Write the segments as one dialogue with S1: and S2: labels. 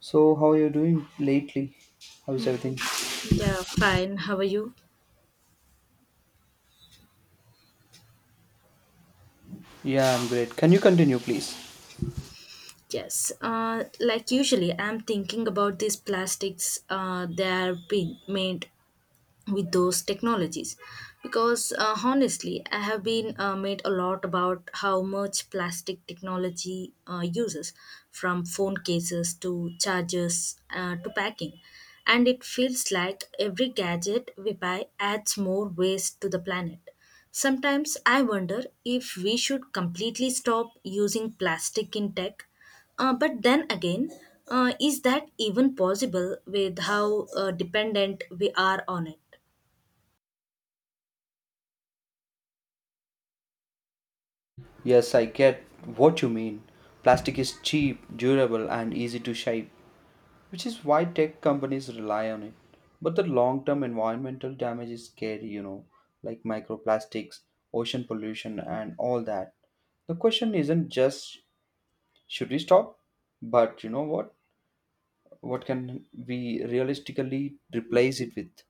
S1: So, how are you doing lately? How's everything?
S2: Mm, yeah, fine. How are you?
S1: Yeah, I'm great. Can you continue, please?
S2: Yes. Like usually, I'm thinking about these plastics. They are being made with those technologies. Because honestly, I have been made a lot about how much plastic technology uses, from phone cases to chargers to packing. And it feels like every gadget we buy adds more waste to the planet. Sometimes I wonder if we should completely stop using plastic in tech. But then again, is that even possible with how dependent we are on it?
S1: Yes, I get what you mean. Plastic is cheap, durable, and easy to shape, which is why tech companies rely on it. But the long term environmental damage is scary, like microplastics, ocean pollution, and all that. The question isn't just should we stop, but you know what? What can we realistically replace it with?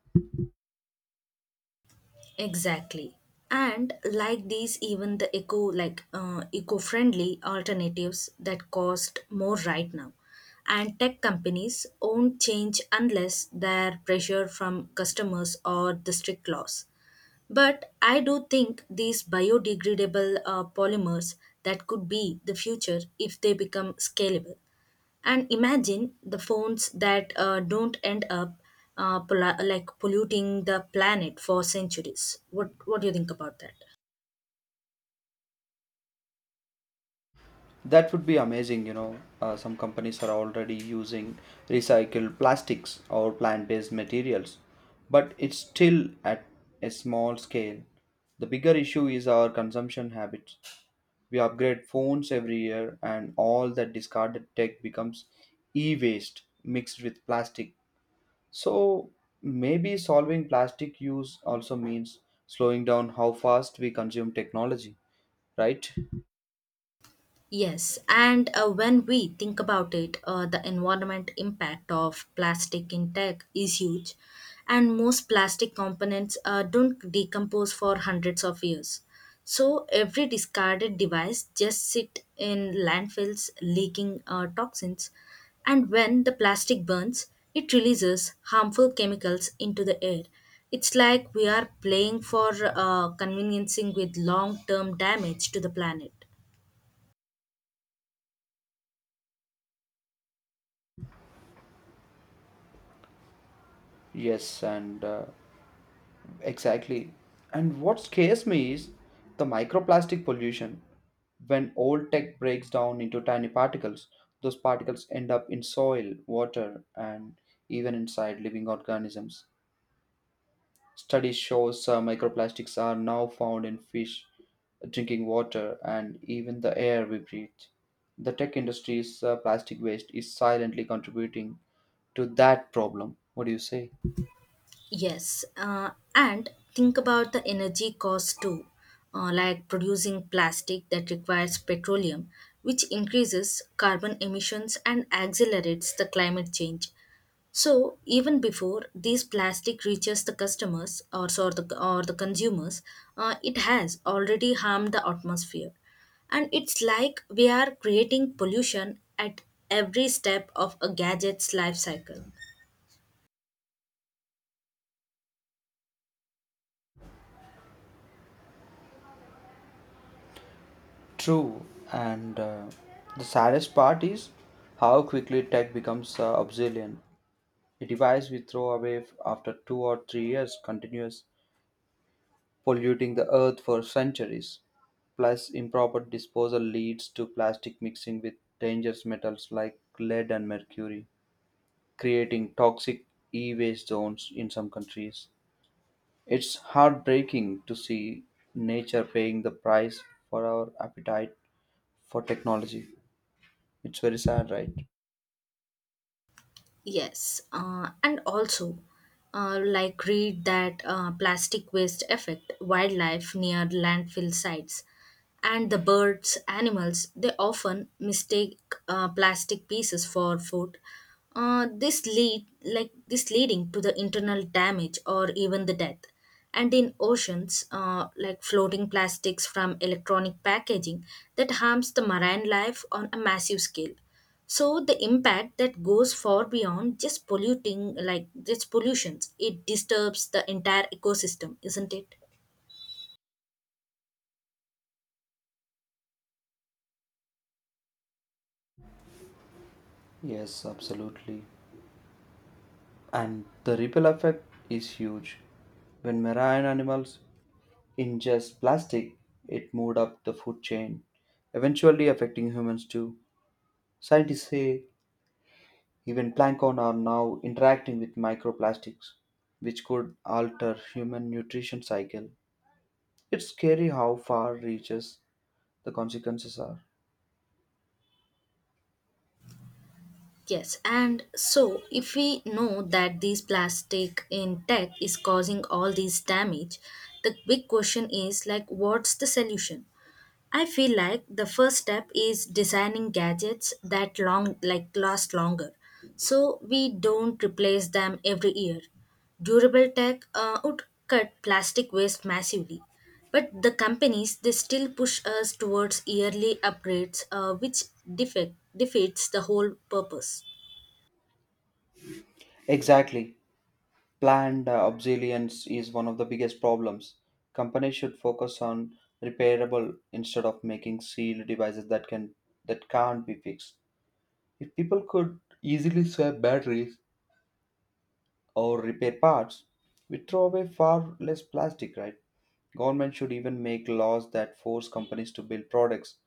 S2: Exactly. Even the eco-friendly alternatives that cost more right now. And tech companies won't change unless they're pressure from customers or the strict laws. But I do think these biodegradable polymers that could be the future if they become scalable. And imagine the phones that don't end up polluting the planet for centuries. What do you think about that?
S1: That would be amazing. Some companies are already using recycled plastics or plant based materials, but it's still at a small scale. The bigger issue is our consumption habits. We upgrade phones every year, and all that discarded tech becomes e waste mixed with plastic. So, maybe solving plastic use also means slowing down how fast we consume technology, right?
S2: Yes, and when we think about it, the environment impact of plastic in tech is huge, and most plastic components don't decompose for hundreds of years. So every discarded device just sit in landfills, leaking toxins, and when the plastic burns, it releases harmful chemicals into the air. It's like we are playing for conveniencing with long-term damage to the planet.
S1: Yes, and Exactly. And what scares me is the microplastic pollution. When old tech breaks down into tiny particles, those particles end up in soil, water, and even inside living organisms. Studies shows microplastics are now found in fish, drinking water, and even the air we breathe. The tech industry's plastic waste is silently contributing to that problem. What do you say?
S2: Yes, and think about the energy cost too, like producing plastic that requires petroleum, which increases carbon emissions and accelerates the climate change. So even before these plastic reaches the customers or the consumers, it has already harmed the atmosphere. And it's like we are creating pollution at every step of a gadget's life cycle.
S1: True, and the saddest part is how quickly tech becomes obsolete. A device we throw away after 2 or 3 years continues polluting the earth for centuries. Plus, improper disposal leads to plastic mixing with dangerous metals like lead and mercury, creating toxic e waste zones in some countries. It's heartbreaking to see nature paying the price for our appetite for technology. It's very sad, right?
S2: Yes, and also, like read that plastic waste affect wildlife near landfill sites, and the birds, animals, they often mistake plastic pieces for food. This leading to the internal damage or even the death. And in oceans, like floating plastics from electronic packaging that harms the marine life on a massive scale, so the impact that goes far beyond just polluting like just pollutions. It disturbs the entire ecosystem, isn't it?
S1: Yes, absolutely. And the ripple effect is huge. When marine animals ingest plastic, it moved up the food chain, eventually affecting humans too. Scientists say even plankton are now interacting with microplastics, which could alter human nutrition cycle. It's scary how far reaches the consequences are.
S2: Yes, and so if we know that these plastic in tech is causing all these damage, the big question is like what's the solution. I feel like the first step is designing gadgets that long like last longer, so we don't replace them every year. Durable tech would cut plastic waste massively, but the companies they still push us towards yearly upgrades, which defeats the whole purpose.
S1: Exactly. Planned obsolescence is one of the biggest problems. Companies should focus on repairable instead of making sealed devices that can't be fixed. If people could easily swap batteries or repair parts, we throw away far less plastic, right? Government should even make laws that force companies to build products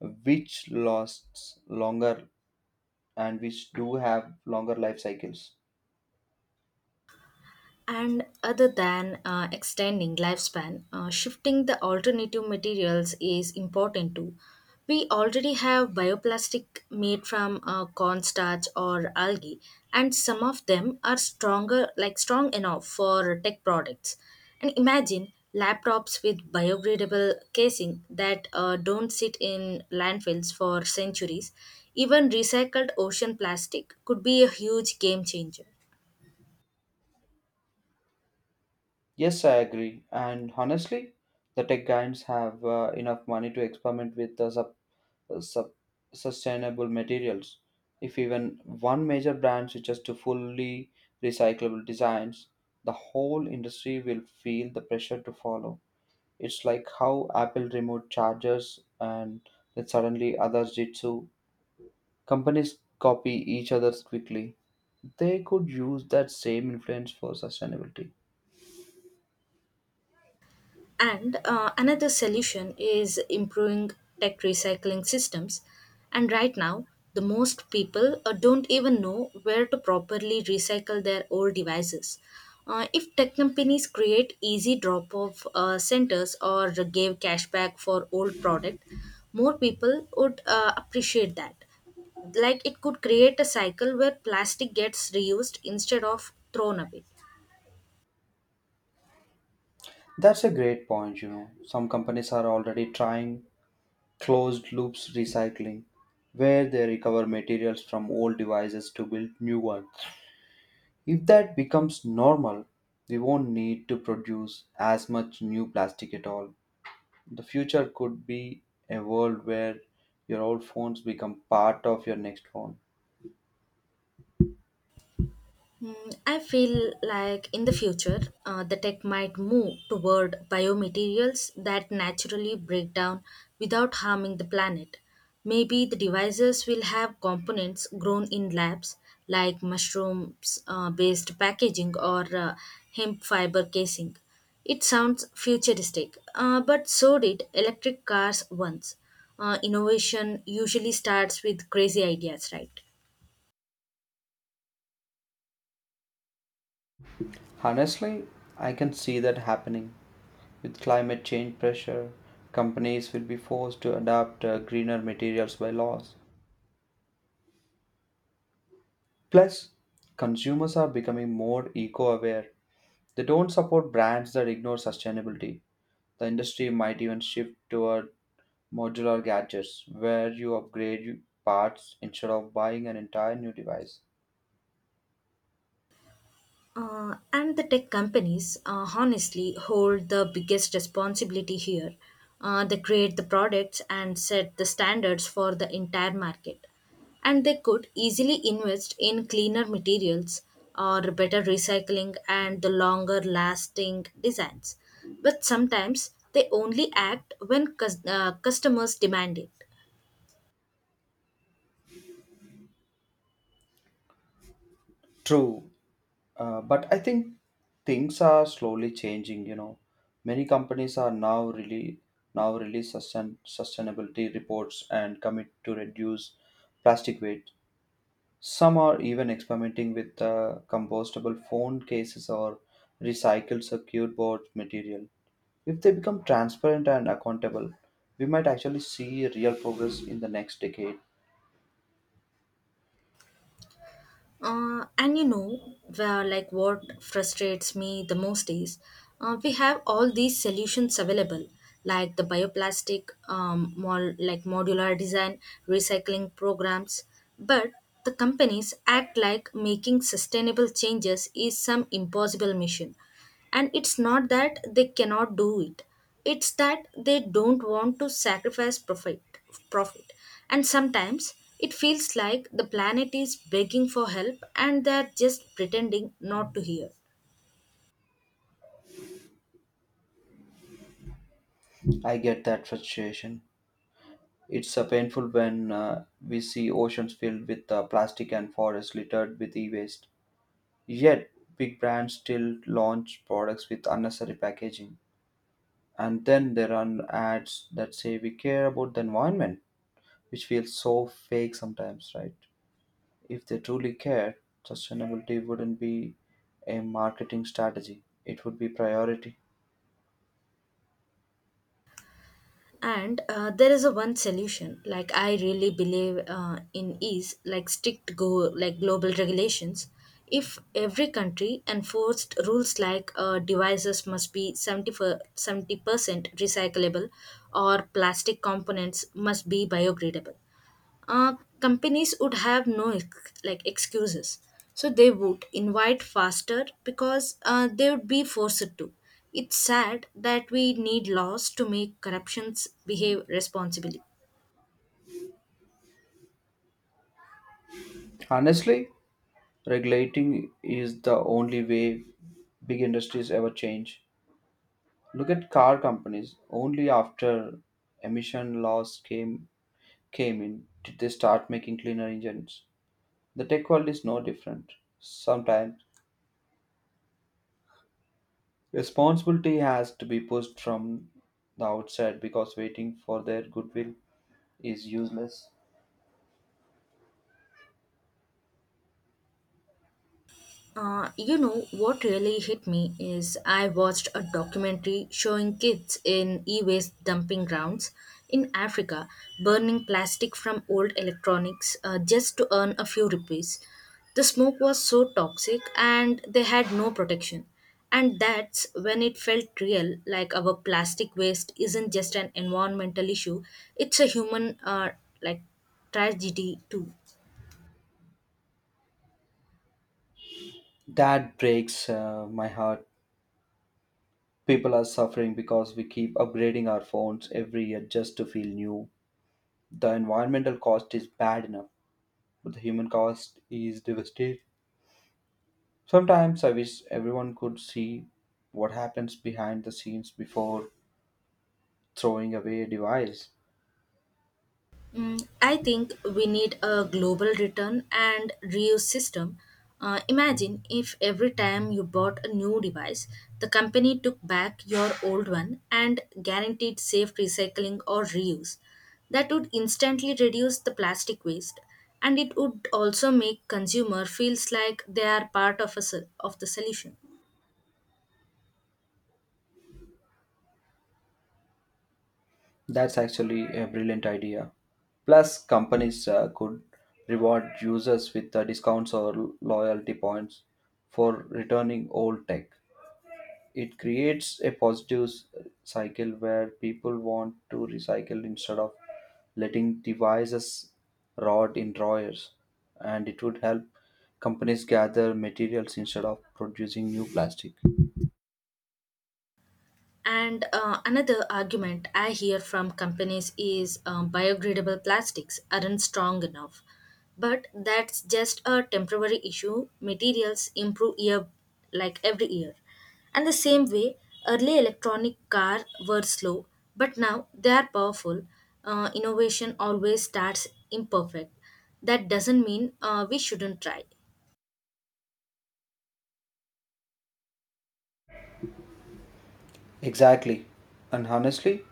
S1: which lasts longer and which do have longer life cycles.
S2: And other than extending lifespan, shifting the alternative materials is important too. We already have bioplastic made from cornstarch or algae, and some of them are stronger, like strong enough for tech products. And imagine laptops with biodegradable casing that don't sit in landfills for centuries. Even recycled ocean plastic could be a huge game changer.
S1: Yes, I agree. And honestly, the tech giants have enough money to experiment with the sub, sub sustainable materials. If even one major brand switches to fully recyclable designs, the whole industry will feel the pressure to follow. It's like how Apple removed chargers and then suddenly others did too. Companies copy each other's quickly. They could use that same influence for sustainability.
S2: And another solution is improving tech recycling systems. And right now, the most people don't even know where to properly recycle their old devices. If tech companies create easy drop-off centers or gave cashback for old product, more people would appreciate that. Like it could create a cycle where plastic gets reused instead of thrown away.
S1: That's a great point. Some companies are already trying closed loops recycling, where they recover materials from old devices to build new ones. If that becomes normal, we won't need to produce as much new plastic at all. The future could be a world where your old phones become part of your next phone.
S2: I feel like in the future, the tech might move toward biomaterials that naturally break down without harming the planet. Maybe the devices will have components grown in labs, like mushrooms based packaging or hemp fiber casing. It sounds futuristic, but so did electric cars once. Innovation usually starts with crazy ideas, right?
S1: Honestly, I can see that happening. With climate change pressure, companies will be forced to adapt greener materials by laws. Plus, consumers are becoming more eco aware. They don't support brands that ignore sustainability. The industry might even shift toward modular gadgets where you upgrade your parts instead of buying an entire new device.
S2: And the tech companies honestly hold the biggest responsibility here. They create the products and set the standards for the entire market. And they could easily invest in cleaner materials or better recycling and the longer lasting designs. But sometimes they only act when customers demand it.
S1: True, but I think things are slowly changing. Many companies are now really now release sustainability reports and commit to reduce plastic weight. Some are even experimenting with compostable phone cases or recycled circuit board material. If they become transparent and accountable, we might actually see real progress in the next decade.
S2: And you know, where, like what frustrates me the most is we have all these solutions available, like the bioplastic, modular design, recycling programs, but the companies act like making sustainable changes is some impossible mission, and it's not that they cannot do it, it's that they don't want to sacrifice profit. And sometimes it feels like the planet is begging for help and they're just pretending not to hear.
S1: I get that frustration. It's painful when we see oceans filled with plastic and forests littered with e waste. Yet, big brands still launch products with unnecessary packaging. And then there are ads that say we care about the environment, which feels so fake sometimes, right? If they truly cared, sustainability wouldn't be a marketing strategy, it would be priority.
S2: And there is a one solution like I really believe in is like strict go like global regulations. If every country enforced rules like devices must be 70% recyclable or plastic components must be biodegradable, uh, companies would have no excuses, so they would invite faster because they would be forced to. It's sad that we need laws to make corruptions behave responsibly.
S1: Honestly, regulating is the only way big industries ever change. Look at car companies. Only after emission laws came in did they start making cleaner engines. The tech world is no different. Sometimes responsibility has to be pushed from the outset because waiting for their goodwill is useless.
S2: You know, what really hit me is I watched a documentary showing kids in e waste dumping grounds in Africa burning plastic from old electronics just to earn a few rupees. The smoke was so toxic and they had no protection. And that's when it felt real, like our plastic waste isn't just an environmental issue, it's a human like tragedy too.
S1: That breaks my heart. People are suffering because we keep upgrading our phones every year just to feel new. The environmental cost is bad enough, but the human cost is devastating. Sometimes I wish everyone could see what happens behind the scenes before throwing away a device.
S2: I think we need a global return and reuse system. Imagine if every time you bought a new device, the company took back your old one and guaranteed safe recycling or reuse. That would instantly reduce the plastic waste, and it would also make consumer feels like they are part of the solution.
S1: That's actually a brilliant idea. Plus, companies could reward users with discounts or loyalty points for returning old tech. It creates a positive cycle where people want to recycle instead of letting devices rot in drawers, and it would help companies gather materials instead of producing new plastic.
S2: And another argument I hear from companies is biodegradable plastics aren't strong enough. But that's just a temporary issue. Materials improve year like every year. And the same way, early electronic cars were slow, but now they are powerful. Innovation always starts imperfect. That doesn't mean we shouldn't try.
S1: Exactly. And honestly,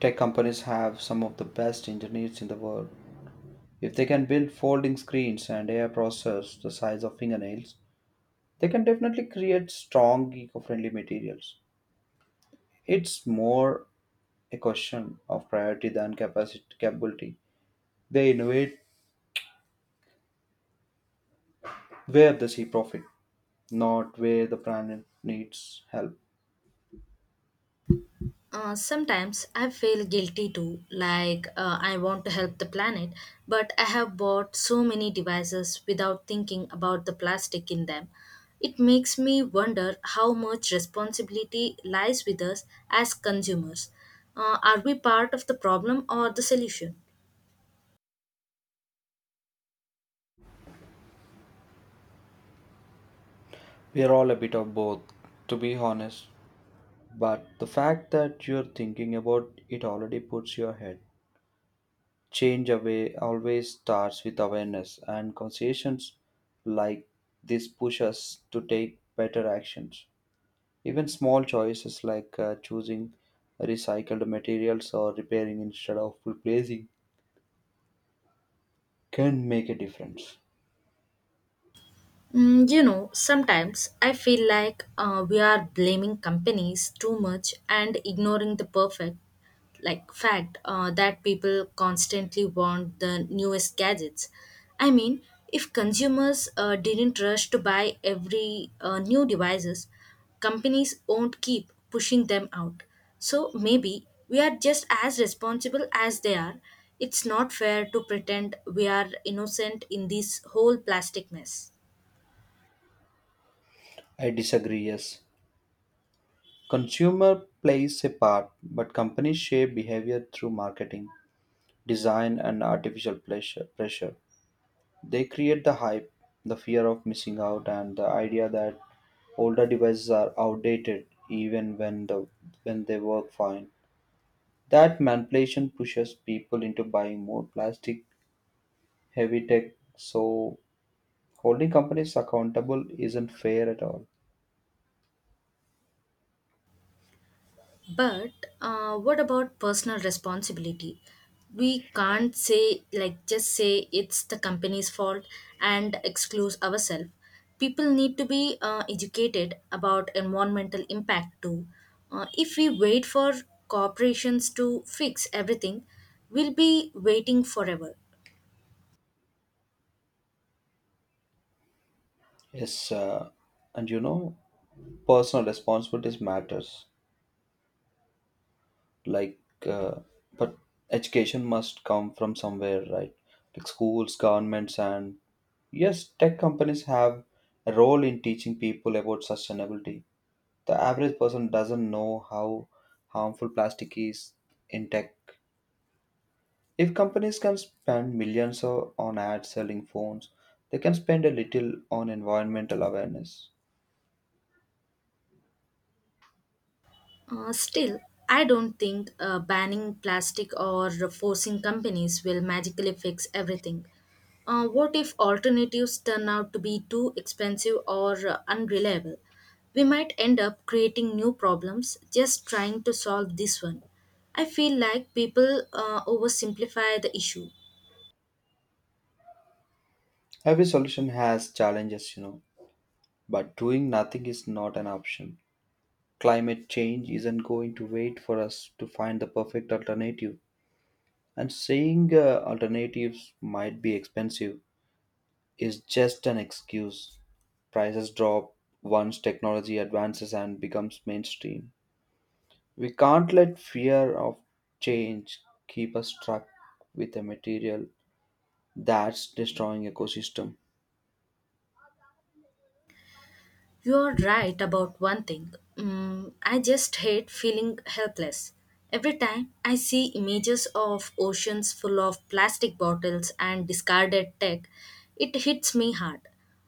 S1: tech companies have some of the best engineers in the world. If they can build folding screens and AI processors the size of fingernails, they can definitely create strong eco-friendly materials. It's more a question of priority than capacity capability. They innovate where they see profit, not where the planet needs help.
S2: Sometimes I feel guilty too, like I want to help the planet, but I have bought so many devices without thinking about the plastic in them. It makes me wonder how much responsibility lies with us as consumers. Are we part of the problem or the solution?
S1: We are all a bit of both, to be honest. But the fact that you're thinking about it already puts you ahead. Change away always starts with awareness, and conversations like this push us to take better actions. Even small choices like choosing recycled materials or repairing instead of replacing can make a difference.
S2: You know, sometimes I feel like we are blaming companies too much and ignoring the perfect, like fact that people constantly want the newest gadgets. I mean, if consumers didn't rush to buy every new devices, companies won't keep pushing them out. So maybe we are just as responsible as they are. It's not fair to pretend we are innocent in this whole plastic mess.
S1: I disagree, yes. Consumer plays a part, but companies shape behavior through marketing, design, and artificial pressure. They create the hype, the fear of missing out, and the idea that older devices are outdated even when they work fine. That manipulation pushes people into buying more plastic heavy tech. So holding companies accountable isn't fair at all.
S2: But what about personal responsibility? We can't say, just say it's the company's fault and exclude ourselves. People need to be educated about environmental impact too. If we wait for corporations to fix everything, we'll be waiting forever.
S1: Yes, and personal responsibilities matters. Like, uh, but education must come from somewhere, right? Like schools, governments, and yes, tech companies have a role in teaching people about sustainability. The average person doesn't know how harmful plastic is in tech. If companies can spend millions on ads selling phones, they can spend a little on environmental awareness.
S2: Still, I don't think banning plastic or forcing companies will magically fix everything. What if alternatives turn out to be too expensive or unreliable? We might end up creating new problems just trying to solve this one. I feel like people oversimplify the issue.
S1: Every solution has challenges, but doing nothing is not an option. Climate change isn't going to wait for us to find the perfect alternative, and saying alternatives might be expensive is just an excuse. Prices drop once technology advances and becomes mainstream. We can't let fear of change keep us stuck with a material that's destroying ecosystem.
S2: You're right about one thing. I just hate feeling helpless. Every time I see images of oceans full of plastic bottles and discarded tech, it hits me hard.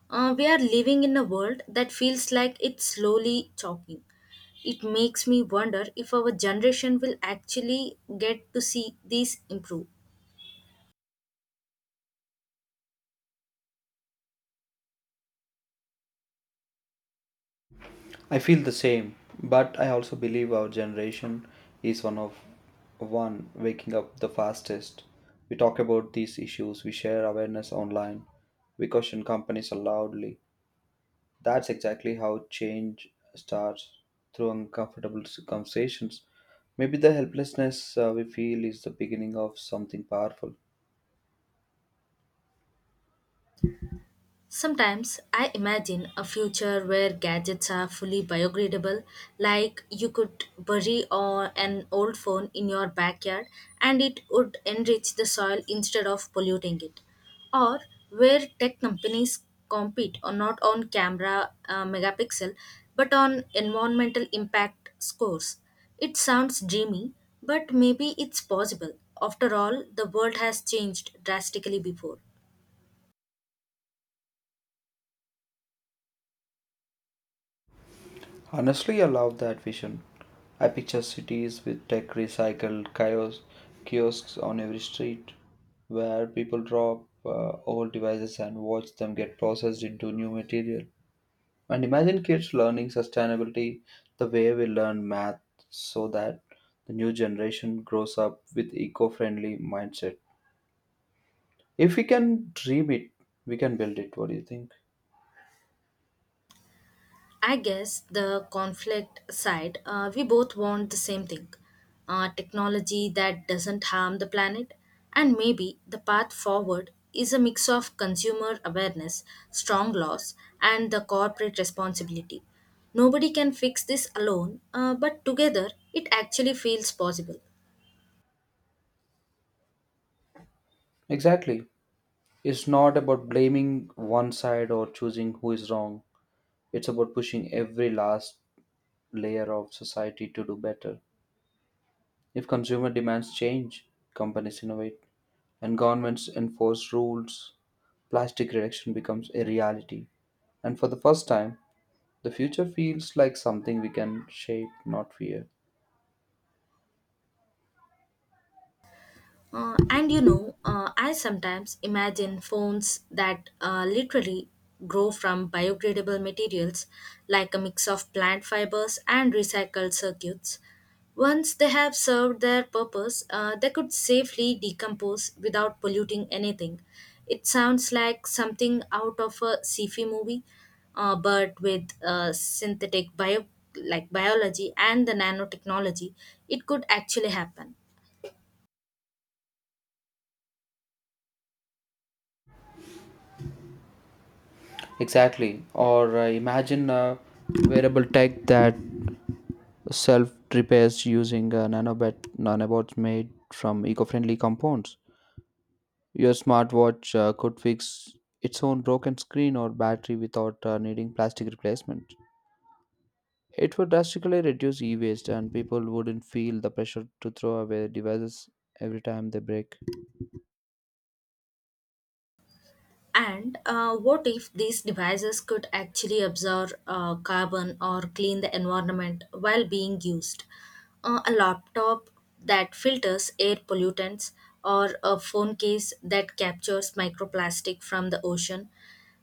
S2: We are living in a world that feels like it's slowly choking. It makes me wonder if our generation will actually get to see this improve.
S1: I feel the same, but I also believe our generation is one waking up the fastest. We talk about these issues, we share awareness online, we question companies loudly. That's exactly how change starts through uncomfortable conversations. Maybe the helplessness we feel is the beginning of something powerful.
S2: Sometimes I imagine a future where gadgets are fully biodegradable, like you could bury or an old phone in your backyard and it would enrich the soil instead of polluting it. Or where tech companies compete on not on camera megapixel but on environmental impact scores. It sounds dreamy, but maybe it's possible. After all, the world has changed drastically before.
S1: Honestly, I love that vision. I picture cities with tech recycled kiosks on every street where people drop old devices and watch them get processed into new material. And imagine kids learning sustainability the way we learn math so that the new generation grows up with eco-friendly mindset. If we can dream it, we can build it. What do you think?
S2: I guess the conflict side, we both want the same thing, technology that doesn't harm the planet. And maybe the path forward is a mix of consumer awareness, strong laws, and the corporate responsibility. Nobody can fix this alone, but together it actually feels possible.
S1: Exactly. It's not about blaming one side or choosing who is wrong. It's about pushing every last layer of society to do better. If consumer demands change, companies innovate, and governments enforce rules, plastic reduction becomes a reality. And for the first time, the future feels like something we can shape, not fear.
S2: And you know, I sometimes imagine phones that literally grow from biodegradable materials like a mix of plant fibers and recycled circuits. Once they have served their purpose, they could safely decompose without polluting anything. It sounds like something out of a sci-fi movie, but with synthetic biology and the nanotechnology, it could actually happen.
S1: Exactly. Or imagine a wearable tech that self repairs using nanobots made from eco friendly compounds. Your smartwatch could fix its own broken screen or battery without needing plastic replacement. It would drastically reduce e waste, and people wouldn't feel the pressure to throw away devices every time they break.
S2: And what if these devices could actually absorb carbon or clean the environment while being used? A laptop that filters air pollutants, or a phone case that captures microplastic from the ocean.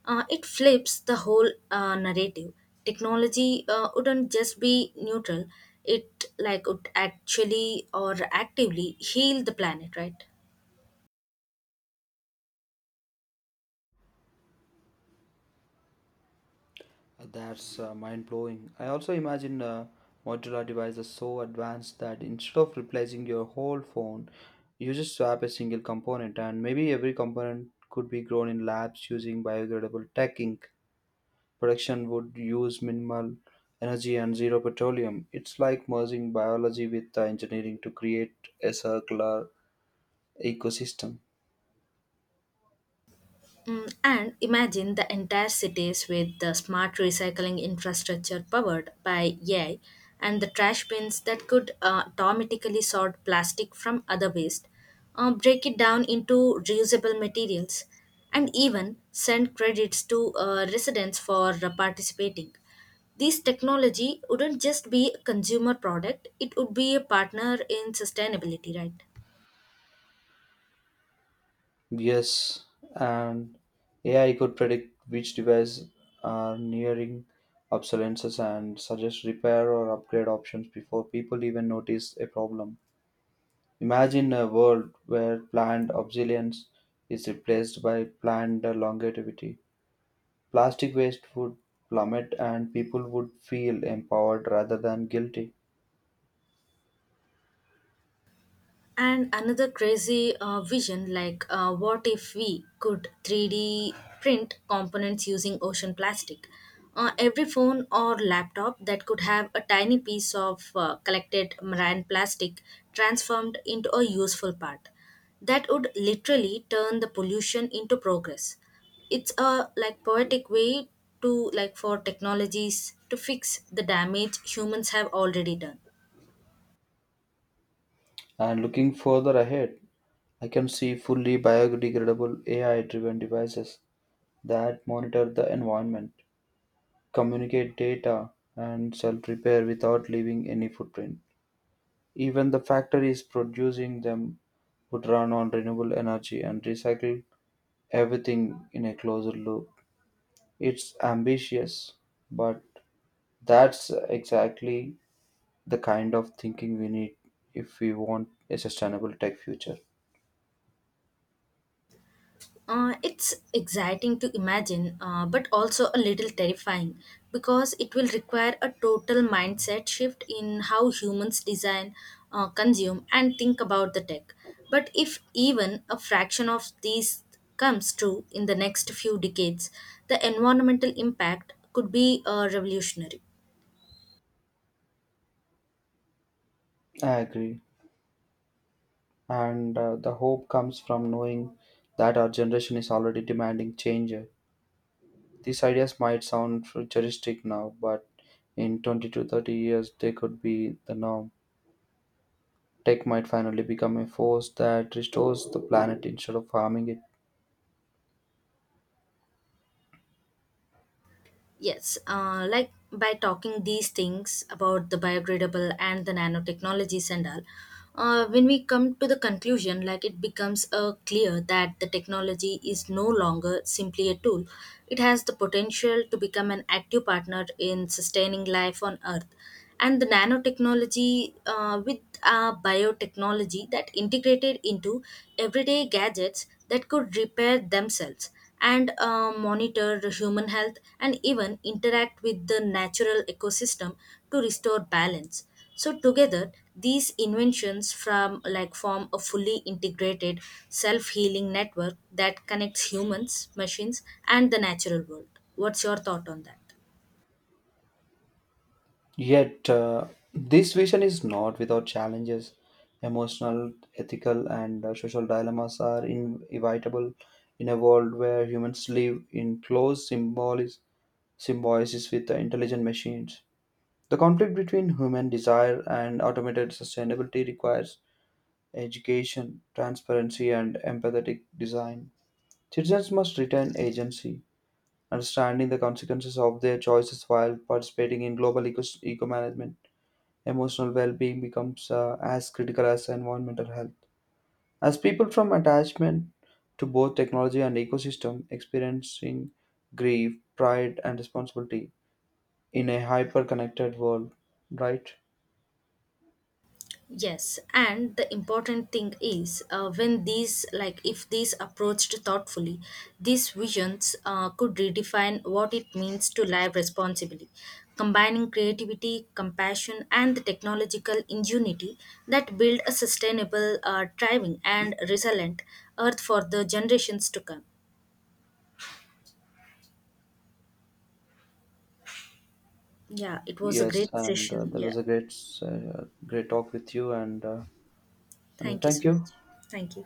S2: It flips the whole narrative. Technology wouldn't just be neutral; it like would actually or actively heal the planet, right?
S1: That's mind blowing. I also imagine modular devices so advanced that instead of replacing your whole phone, you just swap a single component, and maybe every component could be grown in labs using biodegradable tech ink. Production would use minimal energy and zero petroleum. It's like merging biology with the engineering to create a circular ecosystem.
S2: And imagine the entire cities with the smart recycling infrastructure powered by AI and the trash bins that could automatically sort plastic from other waste, break it down into reusable materials, and even send credits to residents for participating. This technology wouldn't just be a consumer product, it would be a partner in sustainability, right?
S1: Yes, and AI could predict which devices are nearing obsolescence and suggest repair or upgrade options before people even notice a problem. Imagine a world where planned obsolescence is replaced by planned longevity. Plastic waste would plummet, and people would feel empowered rather than guilty.
S2: And another crazy vision, like what if we could 3D print components using ocean plastic? Every phone or laptop that could have a tiny piece of collected marine plastic transformed into a useful part. That would literally turn the pollution into progress. It's a like poetic way to like for technologies to fix the damage humans have already done.
S1: And looking further ahead, I can see fully biodegradable AI driven devices that monitor the environment, communicate data, and self repair without leaving any footprint. Even the factories producing them would run on renewable energy and recycle everything in a closer loop. It's ambitious, but that's exactly the kind of thinking we need if we want a sustainable tech future.
S2: It's exciting to imagine, but also a little terrifying because it will require a total mindset shift in how humans design, consume, and think about the tech. But if even a fraction of these comes true in the next few decades, the environmental impact could be revolutionary.
S1: I agree. And the hope comes from knowing that our generation is already demanding change. These ideas might sound futuristic now, but in 20 to 30 years, they could be the norm. Tech might finally become a force that restores the planet instead of harming it.
S2: Yes, like by talking these things about the biodegradable and the nanotechnologies and all, when we come to the conclusion, like it becomes clear that the technology is no longer simply a tool. It has the potential to become an active partner in sustaining life on Earth. And the nanotechnology with biotechnology that integrated into everyday gadgets that could repair themselves and monitor the human health and even interact with the natural ecosystem to restore balance, so together these inventions from like form a fully integrated self-healing network that connects humans, machines, and the natural world. What's your thought on that?
S1: Yet, this vision is not without challenges. Emotional, ethical, and social dilemmas are inevitable in a world where humans live in close symbiosis with the intelligent machines. The conflict between human desire and automated sustainability requires education, transparency, and empathetic design. Citizens must retain agency, understanding the consequences of their choices while participating in global eco-management. Emotional well-being becomes as critical as environmental health, as people from attachment to both technology and ecosystem experiencing grief, pride, and responsibility in a hyper-connected world, right?
S2: Yes, and the important thing is when these, like if these approached thoughtfully, these visions could redefine what it means to live responsibly, combining creativity, compassion, and the technological ingenuity that build a sustainable, thriving, and resilient earth for the generations to come. Yeah, it was a
S1: Yes,
S2: great
S1: and uh,
S2: session.
S1: that
S2: Yeah,
S1: was a great uh, great talk with you, and and
S2: thank you
S1: thank
S2: so
S1: you.
S2: much. Thank you.